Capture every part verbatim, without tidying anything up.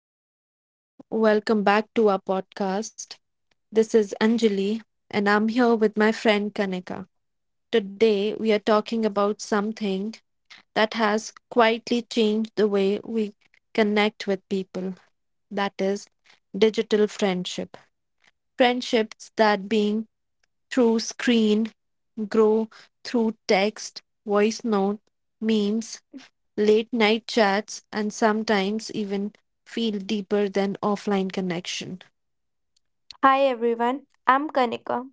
Hello, everyone. Welcome back to our podcast. This is Anjali, and I'm here with my friend Kanika. Today, we are talking about something that has quietly changed the way we connect with people, that is, digital friendship. Friendships that, being through screen, grow through text, voice note, memes, late night chats, and sometimes even feel deeper than offline connection. Hi everyone, I'm Kanika.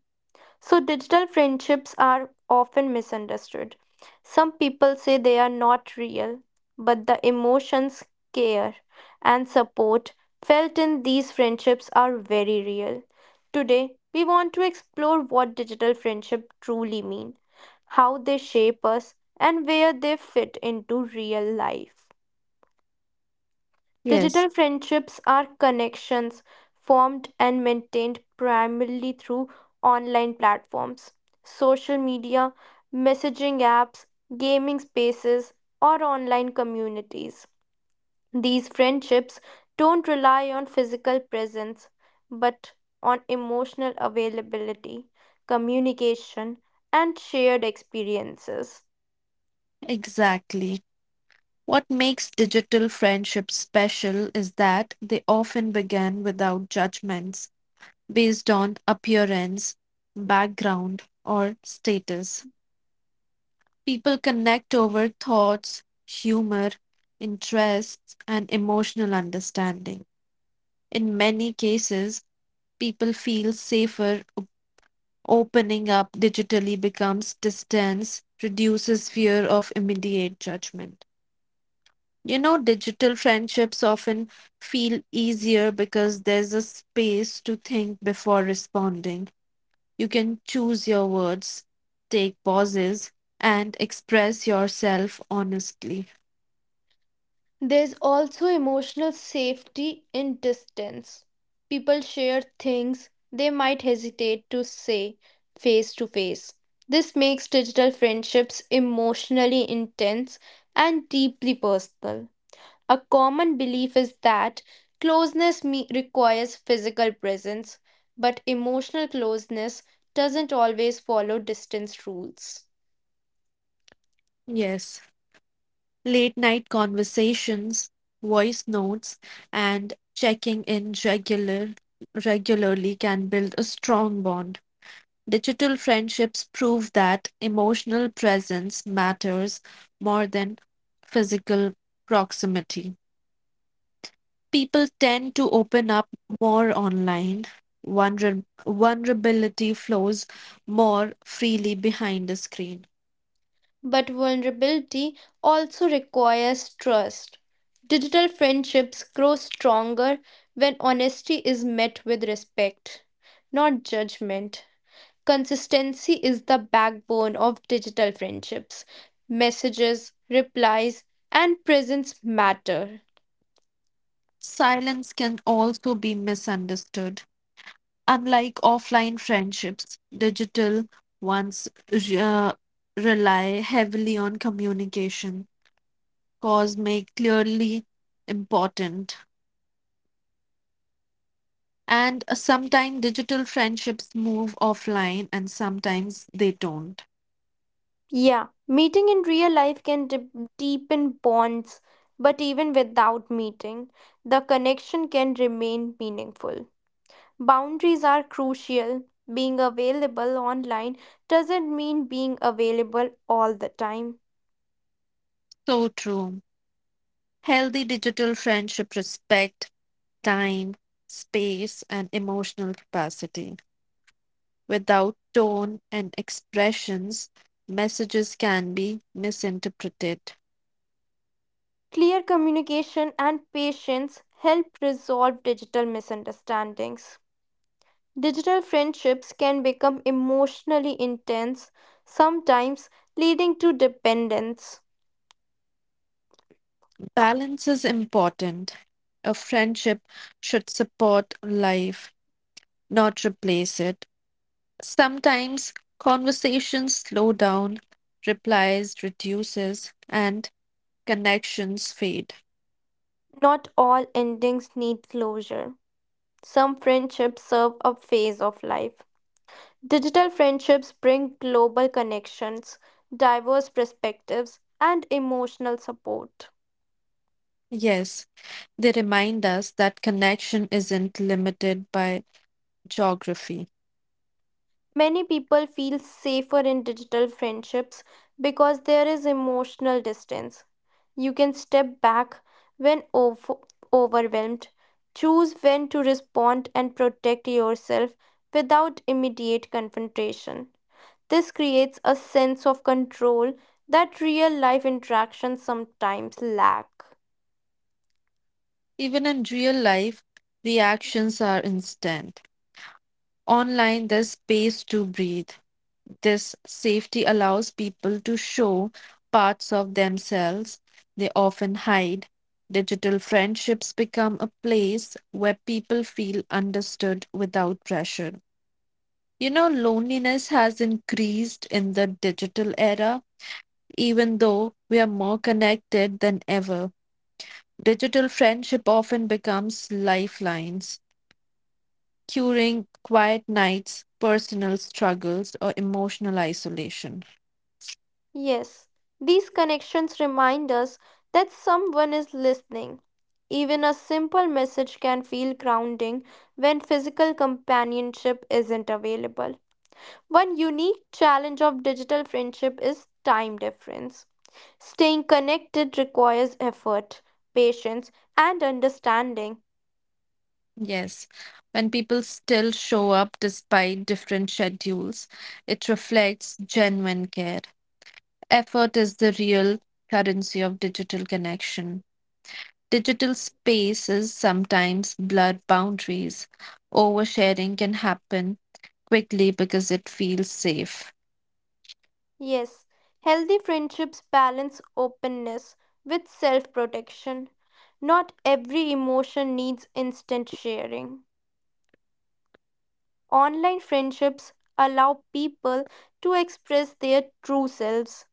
So, digital friendships are often misunderstood. Some people say they are not real, but the emotions, care, and support felt in these friendships are very real. Today, we want to explore what digital friendship truly mean, how they shape us, and where they fit into real life. Yes, Digital friendships are connections formed and maintained primarily through online platforms, social media, messaging apps, gaming spaces, or online communities. These friendships don't rely on physical presence but on emotional availability, communication, and shared experiences. exactly. What makes digital friendships special is that they often begin without judgments based on appearance, background, or status. People connect over thoughts, humor, interests, and emotional understanding. In many cases, people feel safer opening up digitally becomes distance, reduces fear of immediate judgment. You know, digital friendships often feel easier because there's a space to think before responding. You can choose your words, take pauses, and express yourself honestly. There's also emotional safety in distance. People share things they might hesitate to say face to face. This makes digital friendships emotionally intense and deeply personal. A common belief is that closeness me- requires physical presence, but emotional closeness doesn't always follow distance rules. Yes, late night conversations, voice notes, and checking in regular regularly can build a strong bond. Digital friendships prove that emotional presence matters more than physical proximity. People tend to open up more online. Vulner- vulnerability flows more freely behind the screen. But vulnerability also requires trust. Digital friendships grow stronger when honesty is met with respect, not judgment. Consistency is the backbone of digital friendships. Messages, replies, and presence matter. Silence can also be misunderstood. Unlike offline friendships, digital ones uh, rely heavily on communication cause make clearly important. And sometimes digital friendships move offline and sometimes they don't. Yeah, meeting in real life can de- deepen bonds, but even without meeting, the connection can remain meaningful. Boundaries are crucial. Being available online doesn't mean being available all the time. So true. Healthy digital friendship respect time, space, and emotional capacity. Without tone and expressions, messages can be misinterpreted. Clear communication and patience help resolve digital misunderstandings. Digital friendships can become emotionally intense, sometimes leading to dependence. Balance is important. A friendship should support life, not replace it. Sometimes conversations slow down, replies reduces, and connections fade. Not all endings need closure. Some friendships serve a phase of life. Digital friendships bring global connections, diverse perspectives, and emotional support. Yes, they remind us that connection isn't limited by geography. Many people feel safer in digital friendships because there is emotional distance. You can step back when ov- overwhelmed, choose when to respond, and protect yourself without immediate confrontation. This creates a sense of control that real life interactions sometimes lack. Even in real life, reactions are instant. Online, there's space to breathe. This safety allows people to show parts of themselves they often hide. Digital friendships become a place where people feel understood without pressure. You know, loneliness has increased in the digital era, even though we are more connected than ever. Digital friendship often becomes lifelines, curing quiet nights, personal struggles, or emotional isolation. Yes, these connections remind us that someone is listening. Even a simple message can feel grounding when physical companionship isn't available. One unique challenge of digital friendship is time difference. Staying connected requires effort, patience, and understanding. Yes, when people still show up despite different schedules, it reflects genuine care. Effort is the real currency of digital connection. Digital spaces sometimes blur boundaries. Oversharing can happen quickly because it feels safe. Yes, healthy friendships balance openness with self protection. Not every emotion needs instant sharing. Online friendships allow people to express their true selves,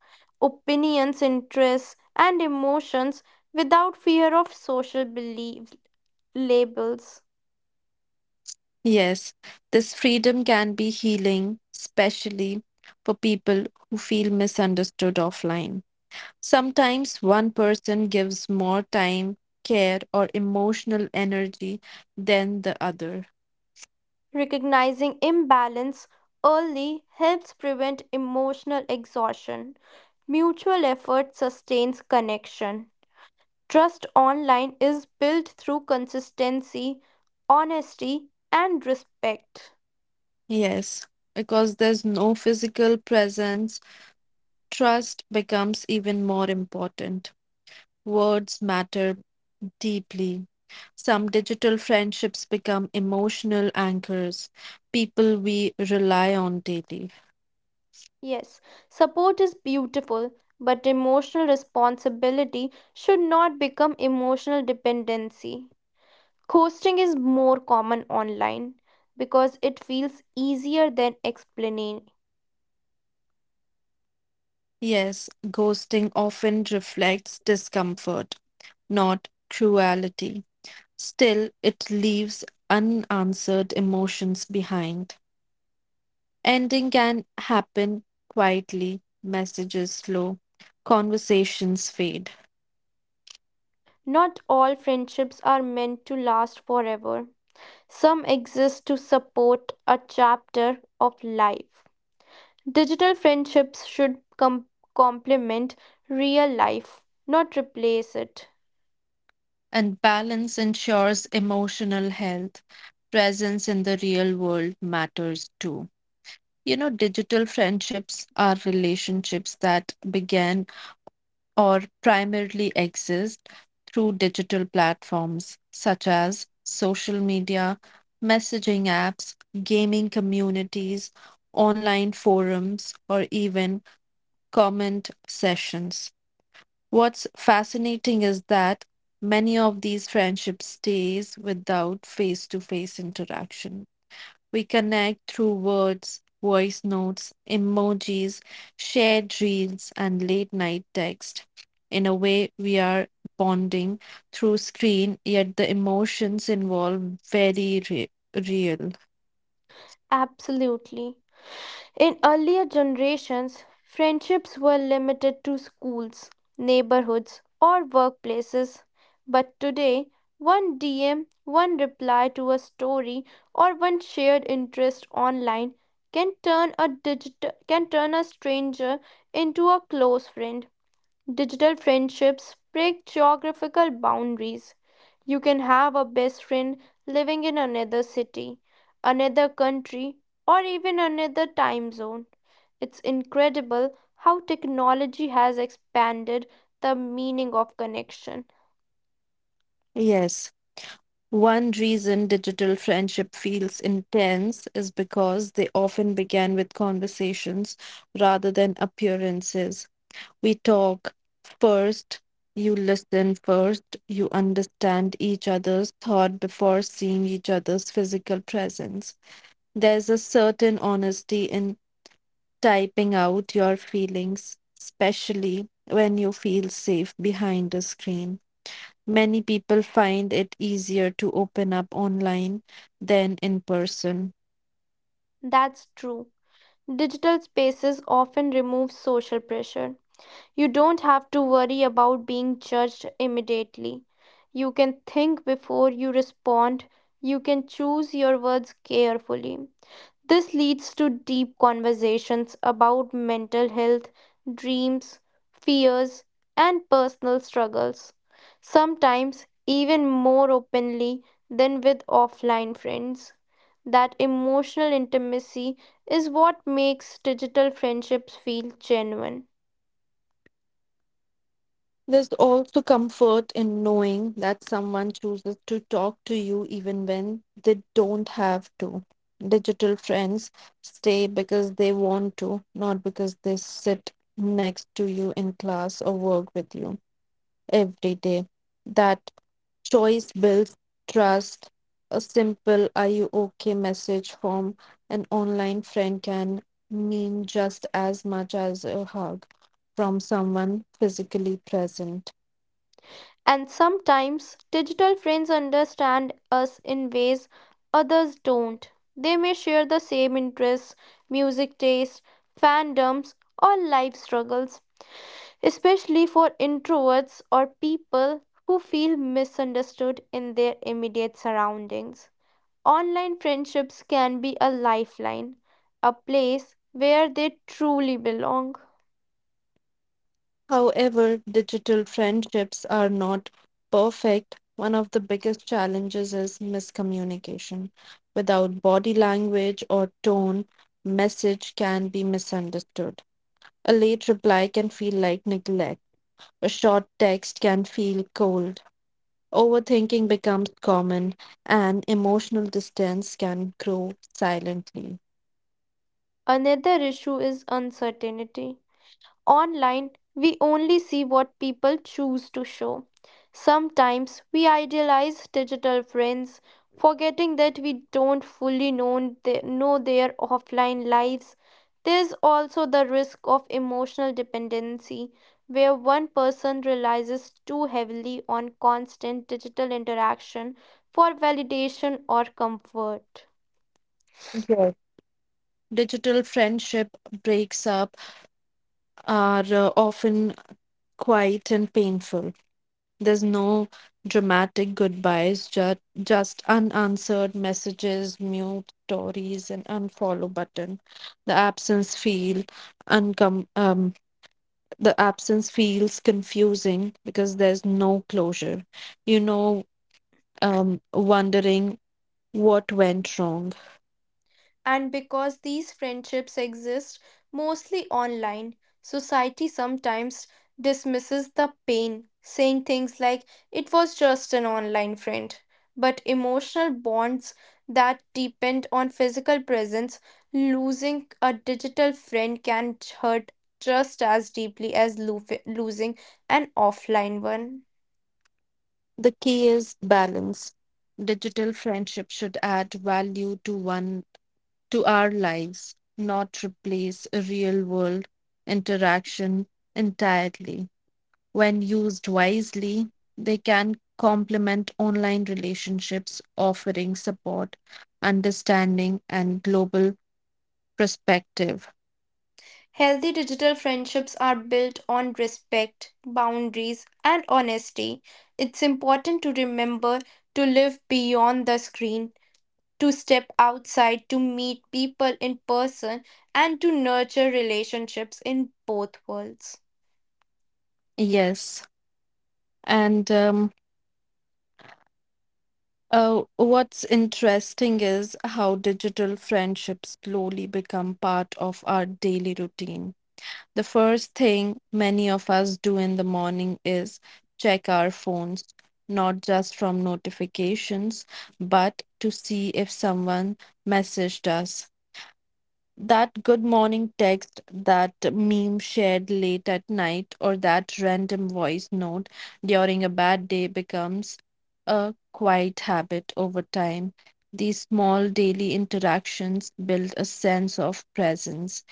opinions, interests, and emotions without fear of social belief labels. Yes, this freedom can be healing, especially for people who feel misunderstood offline. Sometimes one person gives more time, care, or emotional energy than the other. Recognizing imbalance early helps prevent emotional exhaustion. Mutual effort sustains connection. Trust online is built through consistency, honesty, and respect. Yes, because there's no physical presence, trust becomes even more important. Words matter deeply. Some digital friendships become emotional anchors, people we rely on daily. Yes, support is beautiful, but emotional responsibility should not become emotional dependency. Coasting is more common online because it feels easier than explaining. Yes, ghosting often reflects discomfort, not cruelty. Still, it leaves unanswered emotions behind. Ending can happen quietly, messages slow, conversations fade, Not all friendships are meant to last forever. Some exist to support a chapter of life. Digital friendships should com- complement real life, not replace it. and balance ensures emotional health. Presence in the real world matters too. You know, digital friendships are relationships that began or primarily exist through digital platforms such as social media, messaging apps, gaming communities, online forums, or even comment sessions. What's fascinating is that many of these friendships stays without face-to-face interaction. We connect through words, voice notes, emojis, shared reels, and late night text. In a way, we are bonding through screen, yet the emotions involved very re- real. Absolutely. In earlier generations, friendships were limited to schools, neighborhoods, or workplaces. But today, one D M, one reply to a story, or one shared interest online can turn a digital can turn a stranger into a close friend. Digital friendships break geographical boundaries. You can have a best friend living in another city, another country, or even another time zone. It's incredible how technology has expanded the meaning of connection. Yes. One reason digital friendship feels intense is because they often began with conversations rather than appearances. We talk first, you listen first, you understand each other's thought before seeing each other's physical presence. There's a certain honesty in typing out your feelings, especially when you feel safe behind a screen. Many people find it easier to open up online than in person. That's true. Digital spaces often remove social pressure. You don't have to worry about being judged immediately. You can think before you respond. You can choose your words carefully. This leads to deep conversations about mental health, dreams, fears, and personal struggles. Sometimes even more openly than with offline friends. That emotional intimacy is what makes digital friendships feel genuine. There's also comfort in knowing that someone chooses to talk to you even when they don't have to. Digital friends stay because they want to, not because they sit next to you in class or work with you every day. That choice builds trust. A simple "Are you okay?" message from an online friend can mean just as much as a hug from someone physically present. And sometimes digital friends understand us in ways others don't. They may share the same interests, music tastes, fandoms, or life struggles, especially for introverts or people who feel misunderstood in their immediate surroundings. Online friendships can be a lifeline, a place where they truly belong. However, digital friendships are not perfect. One of the biggest challenges is miscommunication. Without body language or tone, message can be misunderstood. A late reply can feel like neglect. A short text can feel cold. Overthinking becomes common, and emotional distance can grow silently. Another issue is uncertainty. Online, we only see what people choose to show. Sometimes we idealize digital friends, forgetting that we don't fully know, the- know their offline lives. There's also the risk of emotional dependency, where one person relies too heavily on constant digital interaction for validation or comfort. Yes. Digital friendship breaks up are uh, often quiet and painful. There's no dramatic goodbyes, ju- just unanswered messages, mute stories, and unfollow button. The absence feel uncom- um, the absence feels confusing because there's no closure. You know, um, Wondering what went wrong. And because these friendships exist mostly online, society sometimes dismisses the pain, saying things like, it was just an online friend. But emotional bonds that depend on physical presence, losing a digital friend can hurt just as deeply as loof- losing an offline one. The key is balance. Digital friendship should add value to one to our lives, not replace a real world interaction entirely. When used wisely, they can complement online relationships, offering support, understanding, and global perspective. Healthy digital friendships are built on respect, boundaries, and honesty. It's important to remember to live beyond the screen, to step outside, to meet people in person, and to nurture relationships in both worlds. Yes. And um, Uh, what's interesting is how digital friendships slowly become part of our daily routine. The first thing many of us do in the morning is check our phones, not just from notifications, but to see if someone messaged us. That good morning text, that meme shared late at night, or that random voice note during a bad day becomes a quiet habit over time. These small daily interactions build a sense of presence.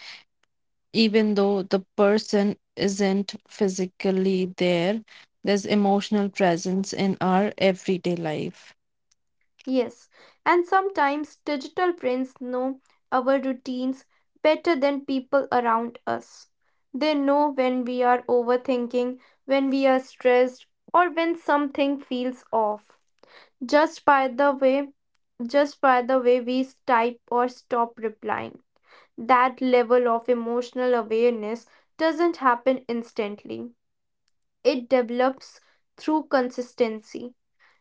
Even though the person isn't physically there, there's emotional presence in our everyday life. Yes, and sometimes digital brains know our routines better than people around us. They know when we are overthinking, when we are stressed, or when something feels off. Just by the way, just by the way we type or stop replying. That level of emotional awareness doesn't happen instantly. It develops through consistency.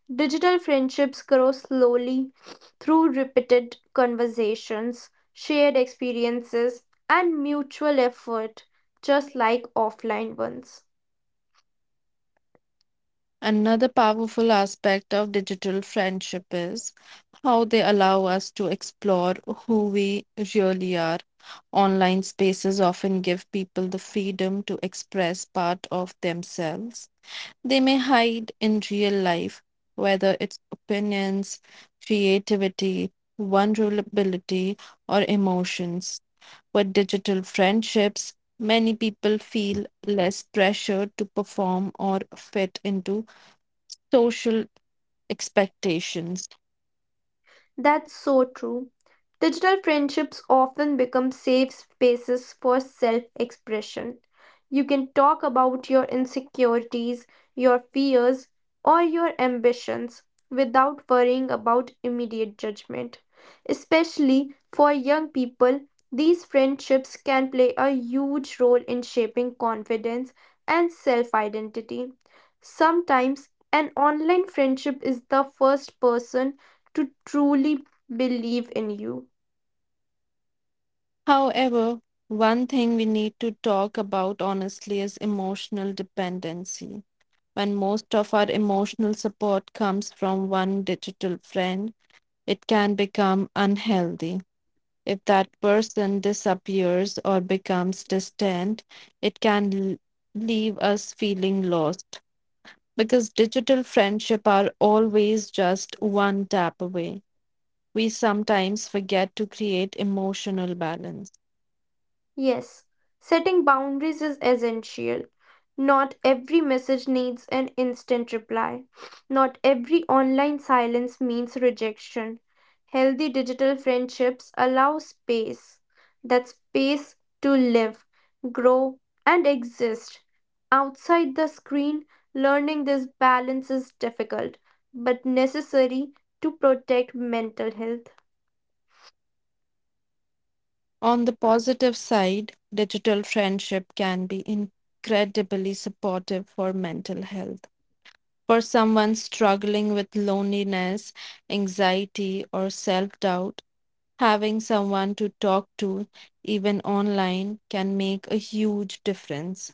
Digital friendships grow slowly through repeated conversations, shared experiences, and mutual effort, just like offline ones. Another powerful aspect of digital friendship is how they allow us to explore who we really are. Online spaces often give people the freedom to express part of themselves they may hide in real life, whether it's opinions, creativity, vulnerability, or emotions. With digital friendships, many people feel less pressure to perform or fit into social expectations. That's so true. Digital friendships often become safe spaces for self expression. You can talk about your insecurities, your fears, or your ambitions without worrying about immediate judgment. Especially for young people, these friendships can play a huge role in shaping confidence and self identity. Sometimes, an online friendship is the first person to truly believe in you. However, one thing we need to talk about honestly is emotional dependency. When most of our emotional support comes from one digital friend, it can become unhealthy. If that person disappears or becomes distant, it can l- leave us feeling lost because digital friendship are always just one tap away. We sometimes forget to create emotional balance. Yes, setting boundaries is essential. Not every message needs an instant reply. Not every online silence means rejection. Healthy digital friendships allow space that space to live, grow, and exist. Outside the screen, learning this balance is difficult but necessary to protect mental health. On the positive side, digital friendship can be incredibly supportive for mental health. For someone struggling with loneliness, anxiety, or self doubt, having someone to talk to, even online, can make a huge difference.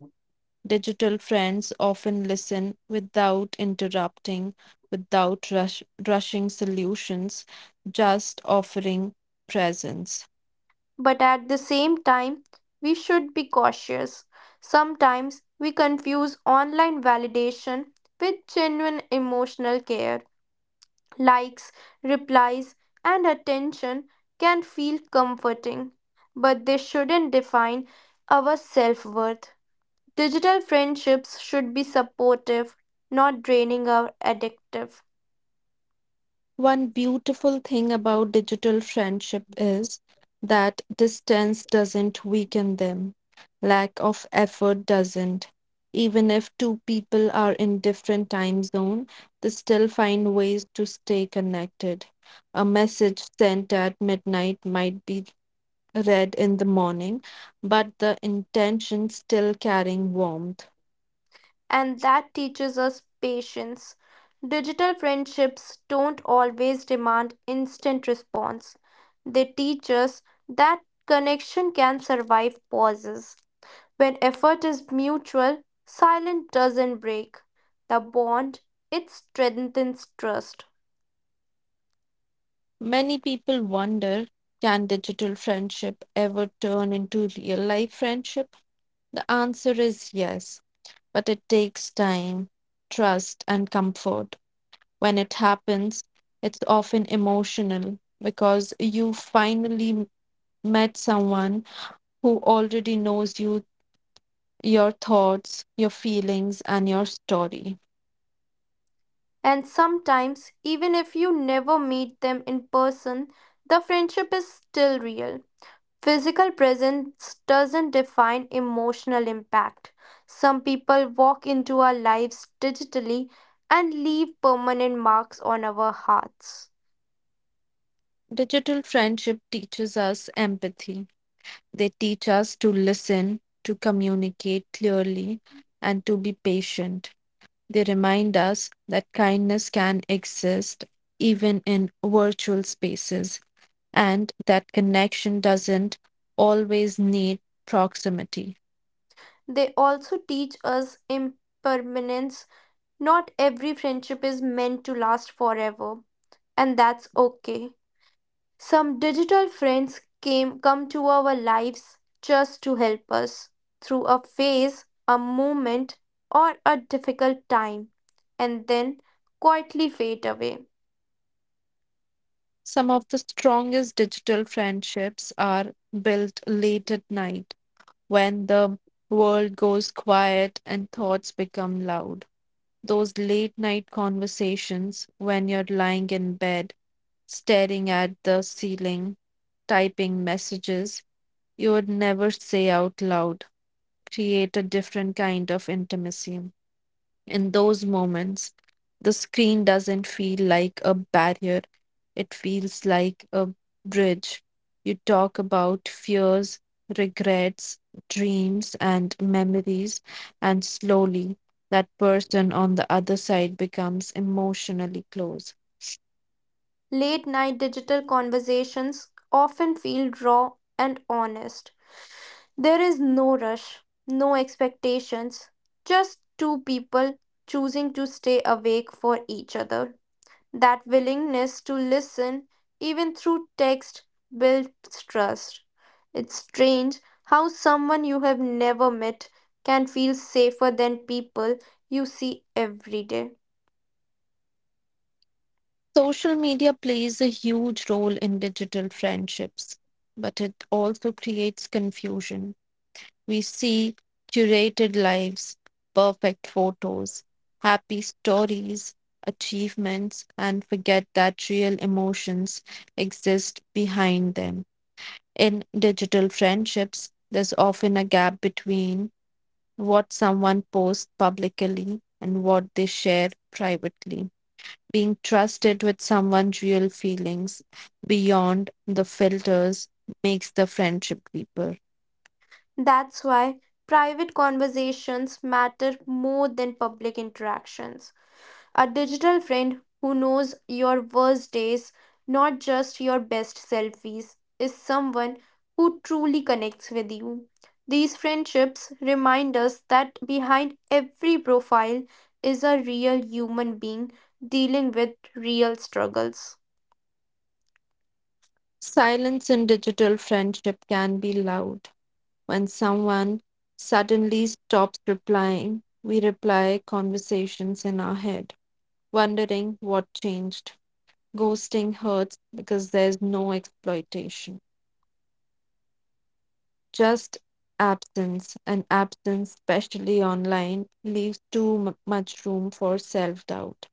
Digital friends often listen without interrupting, without rush, rushing solutions, just offering presence. But at the same time, we should be cautious. Sometimes we confuse online validation with genuine emotional care. Likes, replies, and attention can feel comforting, but they shouldn't define our self worth. Digital friendships should be supportive, not draining or addictive. One beautiful thing about digital friendship is that distance doesn't weaken them, lack of effort doesn't. Even if two people are in different time zone, they still find ways to stay connected. A message sent at midnight might be read in the morning, but the intention still carrying warmth. And that teaches us patience. Digital friendships don't always demand instant response. They teach us that connection can survive pauses. When effort is mutual, silence doesn't break the bond, it strengthens trust. Many people wonder, can digital friendship ever turn into real life friendship? The answer is yes, but it takes time, trust, and comfort. When it happens, it's often emotional because you finally met someone who already knows you, your thoughts, your feelings, and your story. And sometimes, even if you never meet them in person, the friendship is still real. Physical presence doesn't define emotional impact. Some people walk into our lives digitally and leave permanent marks on our hearts. Digital friendship teaches us empathy. They teach us to listen, to communicate clearly, and to be patient. They remind us that kindness can exist even in virtual spaces and that connection doesn't always need proximity. They also teach us impermanence. Not every friendship is meant to last forever, and that's okay. Some digital friends came come to our lives just to help us through a phase, a moment, or a difficult time, and then quietly fade away. Some of the strongest digital friendships are built late at night when the world goes quiet and thoughts become loud. Those late night conversations when you're lying in bed, staring at the ceiling, typing messages you would never say out loud, create a different kind of intimacy. In those moments, the screen doesn't feel like a barrier, it feels like a bridge. You talk about fears, regrets, dreams, and memories, and slowly that person on the other side becomes emotionally close. Late night digital conversations often feel raw and honest. There is no rush, no expectations, just two people choosing to stay awake for each other. That willingness to listen, even through text, builds trust. It's strange how someone you have never met can feel safer than people you see every day. Social media plays a huge role in digital friendships, but it also creates confusion. We see curated lives, perfect photos, happy stories, achievements, and forget that real emotions exist behind them. In digital friendships, there's often a gap between what someone posts publicly and what they share privately. Being trusted with someone's real feelings beyond the filters makes the friendship deeper. That's why private conversations matter more than public interactions. A digital friend who knows your worst days, not just your best selfies, is someone who truly connects with you. These friendships remind us that behind every profile is a real human being dealing with real struggles. Silence in digital friendship can be loud. When someone suddenly stops replying, we reply conversations in our head, wondering what changed. Ghosting hurts because there's no exploitation, just absence, and absence, especially online, leaves too mu- much room for self doubt.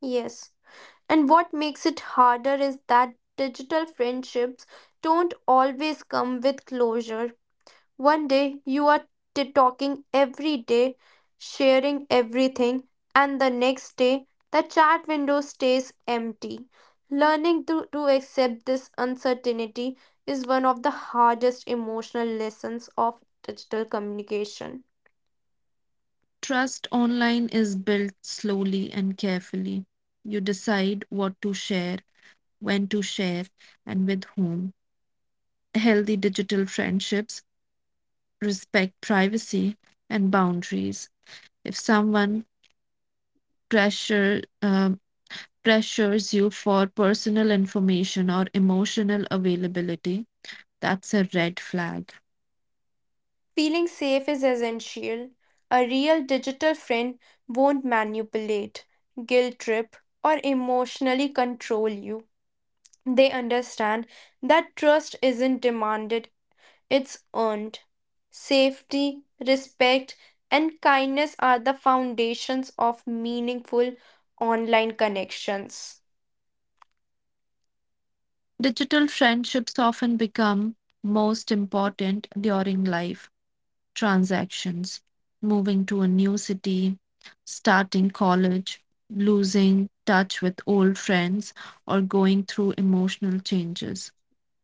Yes. And what makes it harder is that digital friendships don't always come with closure. One day you are t- talking every day, sharing everything, and the next day the chat window stays empty. Learning to, to accept this uncertainty is one of the hardest emotional lessons of digital communication. Trust online is built slowly and carefully. You decide what to share, when to share, and with whom. Healthy digital friendships respect privacy and boundaries. If someone pressure, um, pressures you for personal information or emotional availability, that's a red flag. Feeling safe is essential. A real digital friend won't manipulate, guilt trip, or emotionally control you. They understand that trust isn't demanded. It's earned. Safety, respect, and kindness are the foundations of meaningful online connections. Digital friendships often become most important during life transactions, moving to a new city, starting college, losing touch with old friends, or going through emotional changes.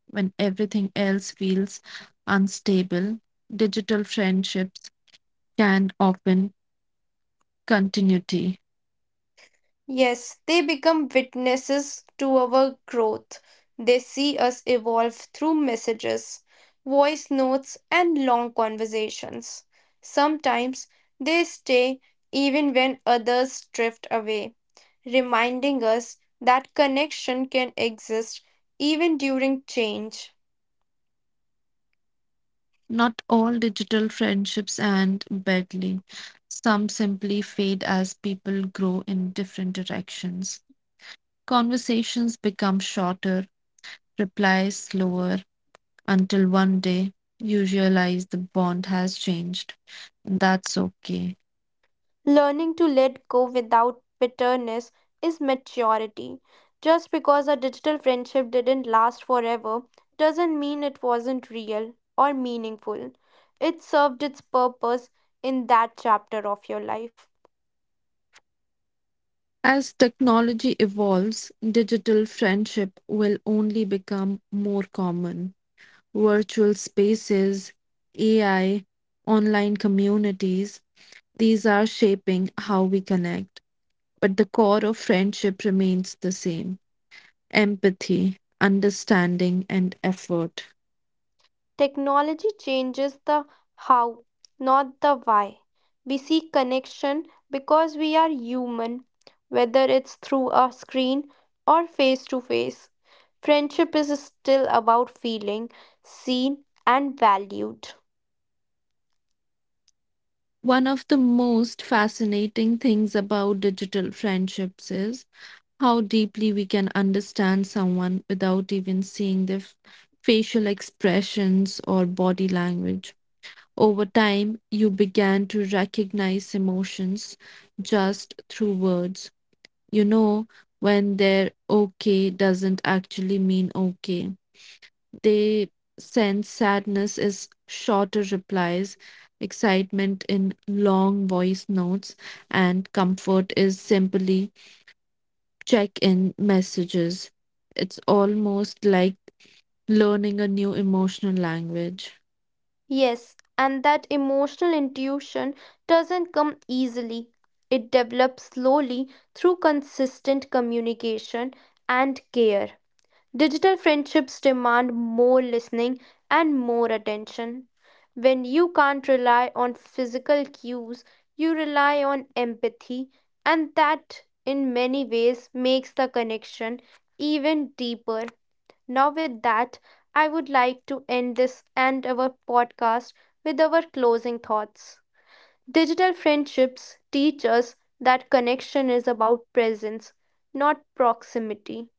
When everything else feels unstable, digital friendships can often continuity. Yes, they become witnesses to our growth. They see us evolve through messages, voice notes, and long conversations. Sometimes they stay even when others drift away, reminding us that connection can exist even during change. Not all digital friendships end badly. Some simply fade as people grow in different directions. Conversations become shorter, replies slower, until one day you realize the bond has changed. That's okay. Learning to let go without bitterness is maturity. Just because a digital friendship didn't last forever doesn't mean it wasn't real or meaningful. It served its purpose in that chapter of your life. As technology evolves, digital friendship will only become more common. Virtual spaces, A I, online communities, these are shaping how we connect. But the core of friendship remains the same: empathy, understanding, and effort. Technology changes the how, not the why. We seek connection because we are human, whether it's through a screen or face to face. Friendship is still about feeling seen and valued. One of the most fascinating things about digital friendships is how deeply we can understand someone without even seeing their f- facial expressions or body language. Over time, you began to recognize emotions just through words. You know, when they're okay doesn't actually mean okay, they sense sadness is shorter replies, excitement in long voice notes, and comfort is simply check in messages. It's almost like learning a new emotional language. Yes, and that emotional intuition doesn't come easily. It develops slowly through consistent communication and care. Digital friendships demand more listening and more attention. When you can't rely on physical cues, you rely on empathy, and that in many ways makes the connection even deeper. Now, with that, I would like to end this and our podcast with our closing thoughts. Digital friendships teach us that connection is about presence, not proximity.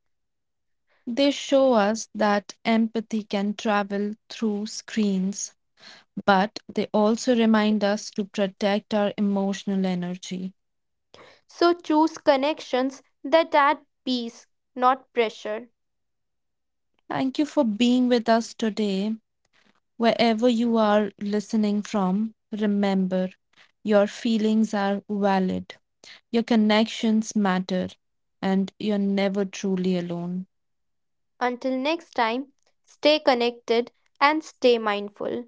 They show us that empathy can travel through screens, but they also remind us to protect our emotional energy. So choose connections that add peace, not pressure. Thank you for being with us today. Wherever you are listening from, remember your feelings are valid, your connections matter, and you're never truly alone. Until next time, stay connected and stay mindful.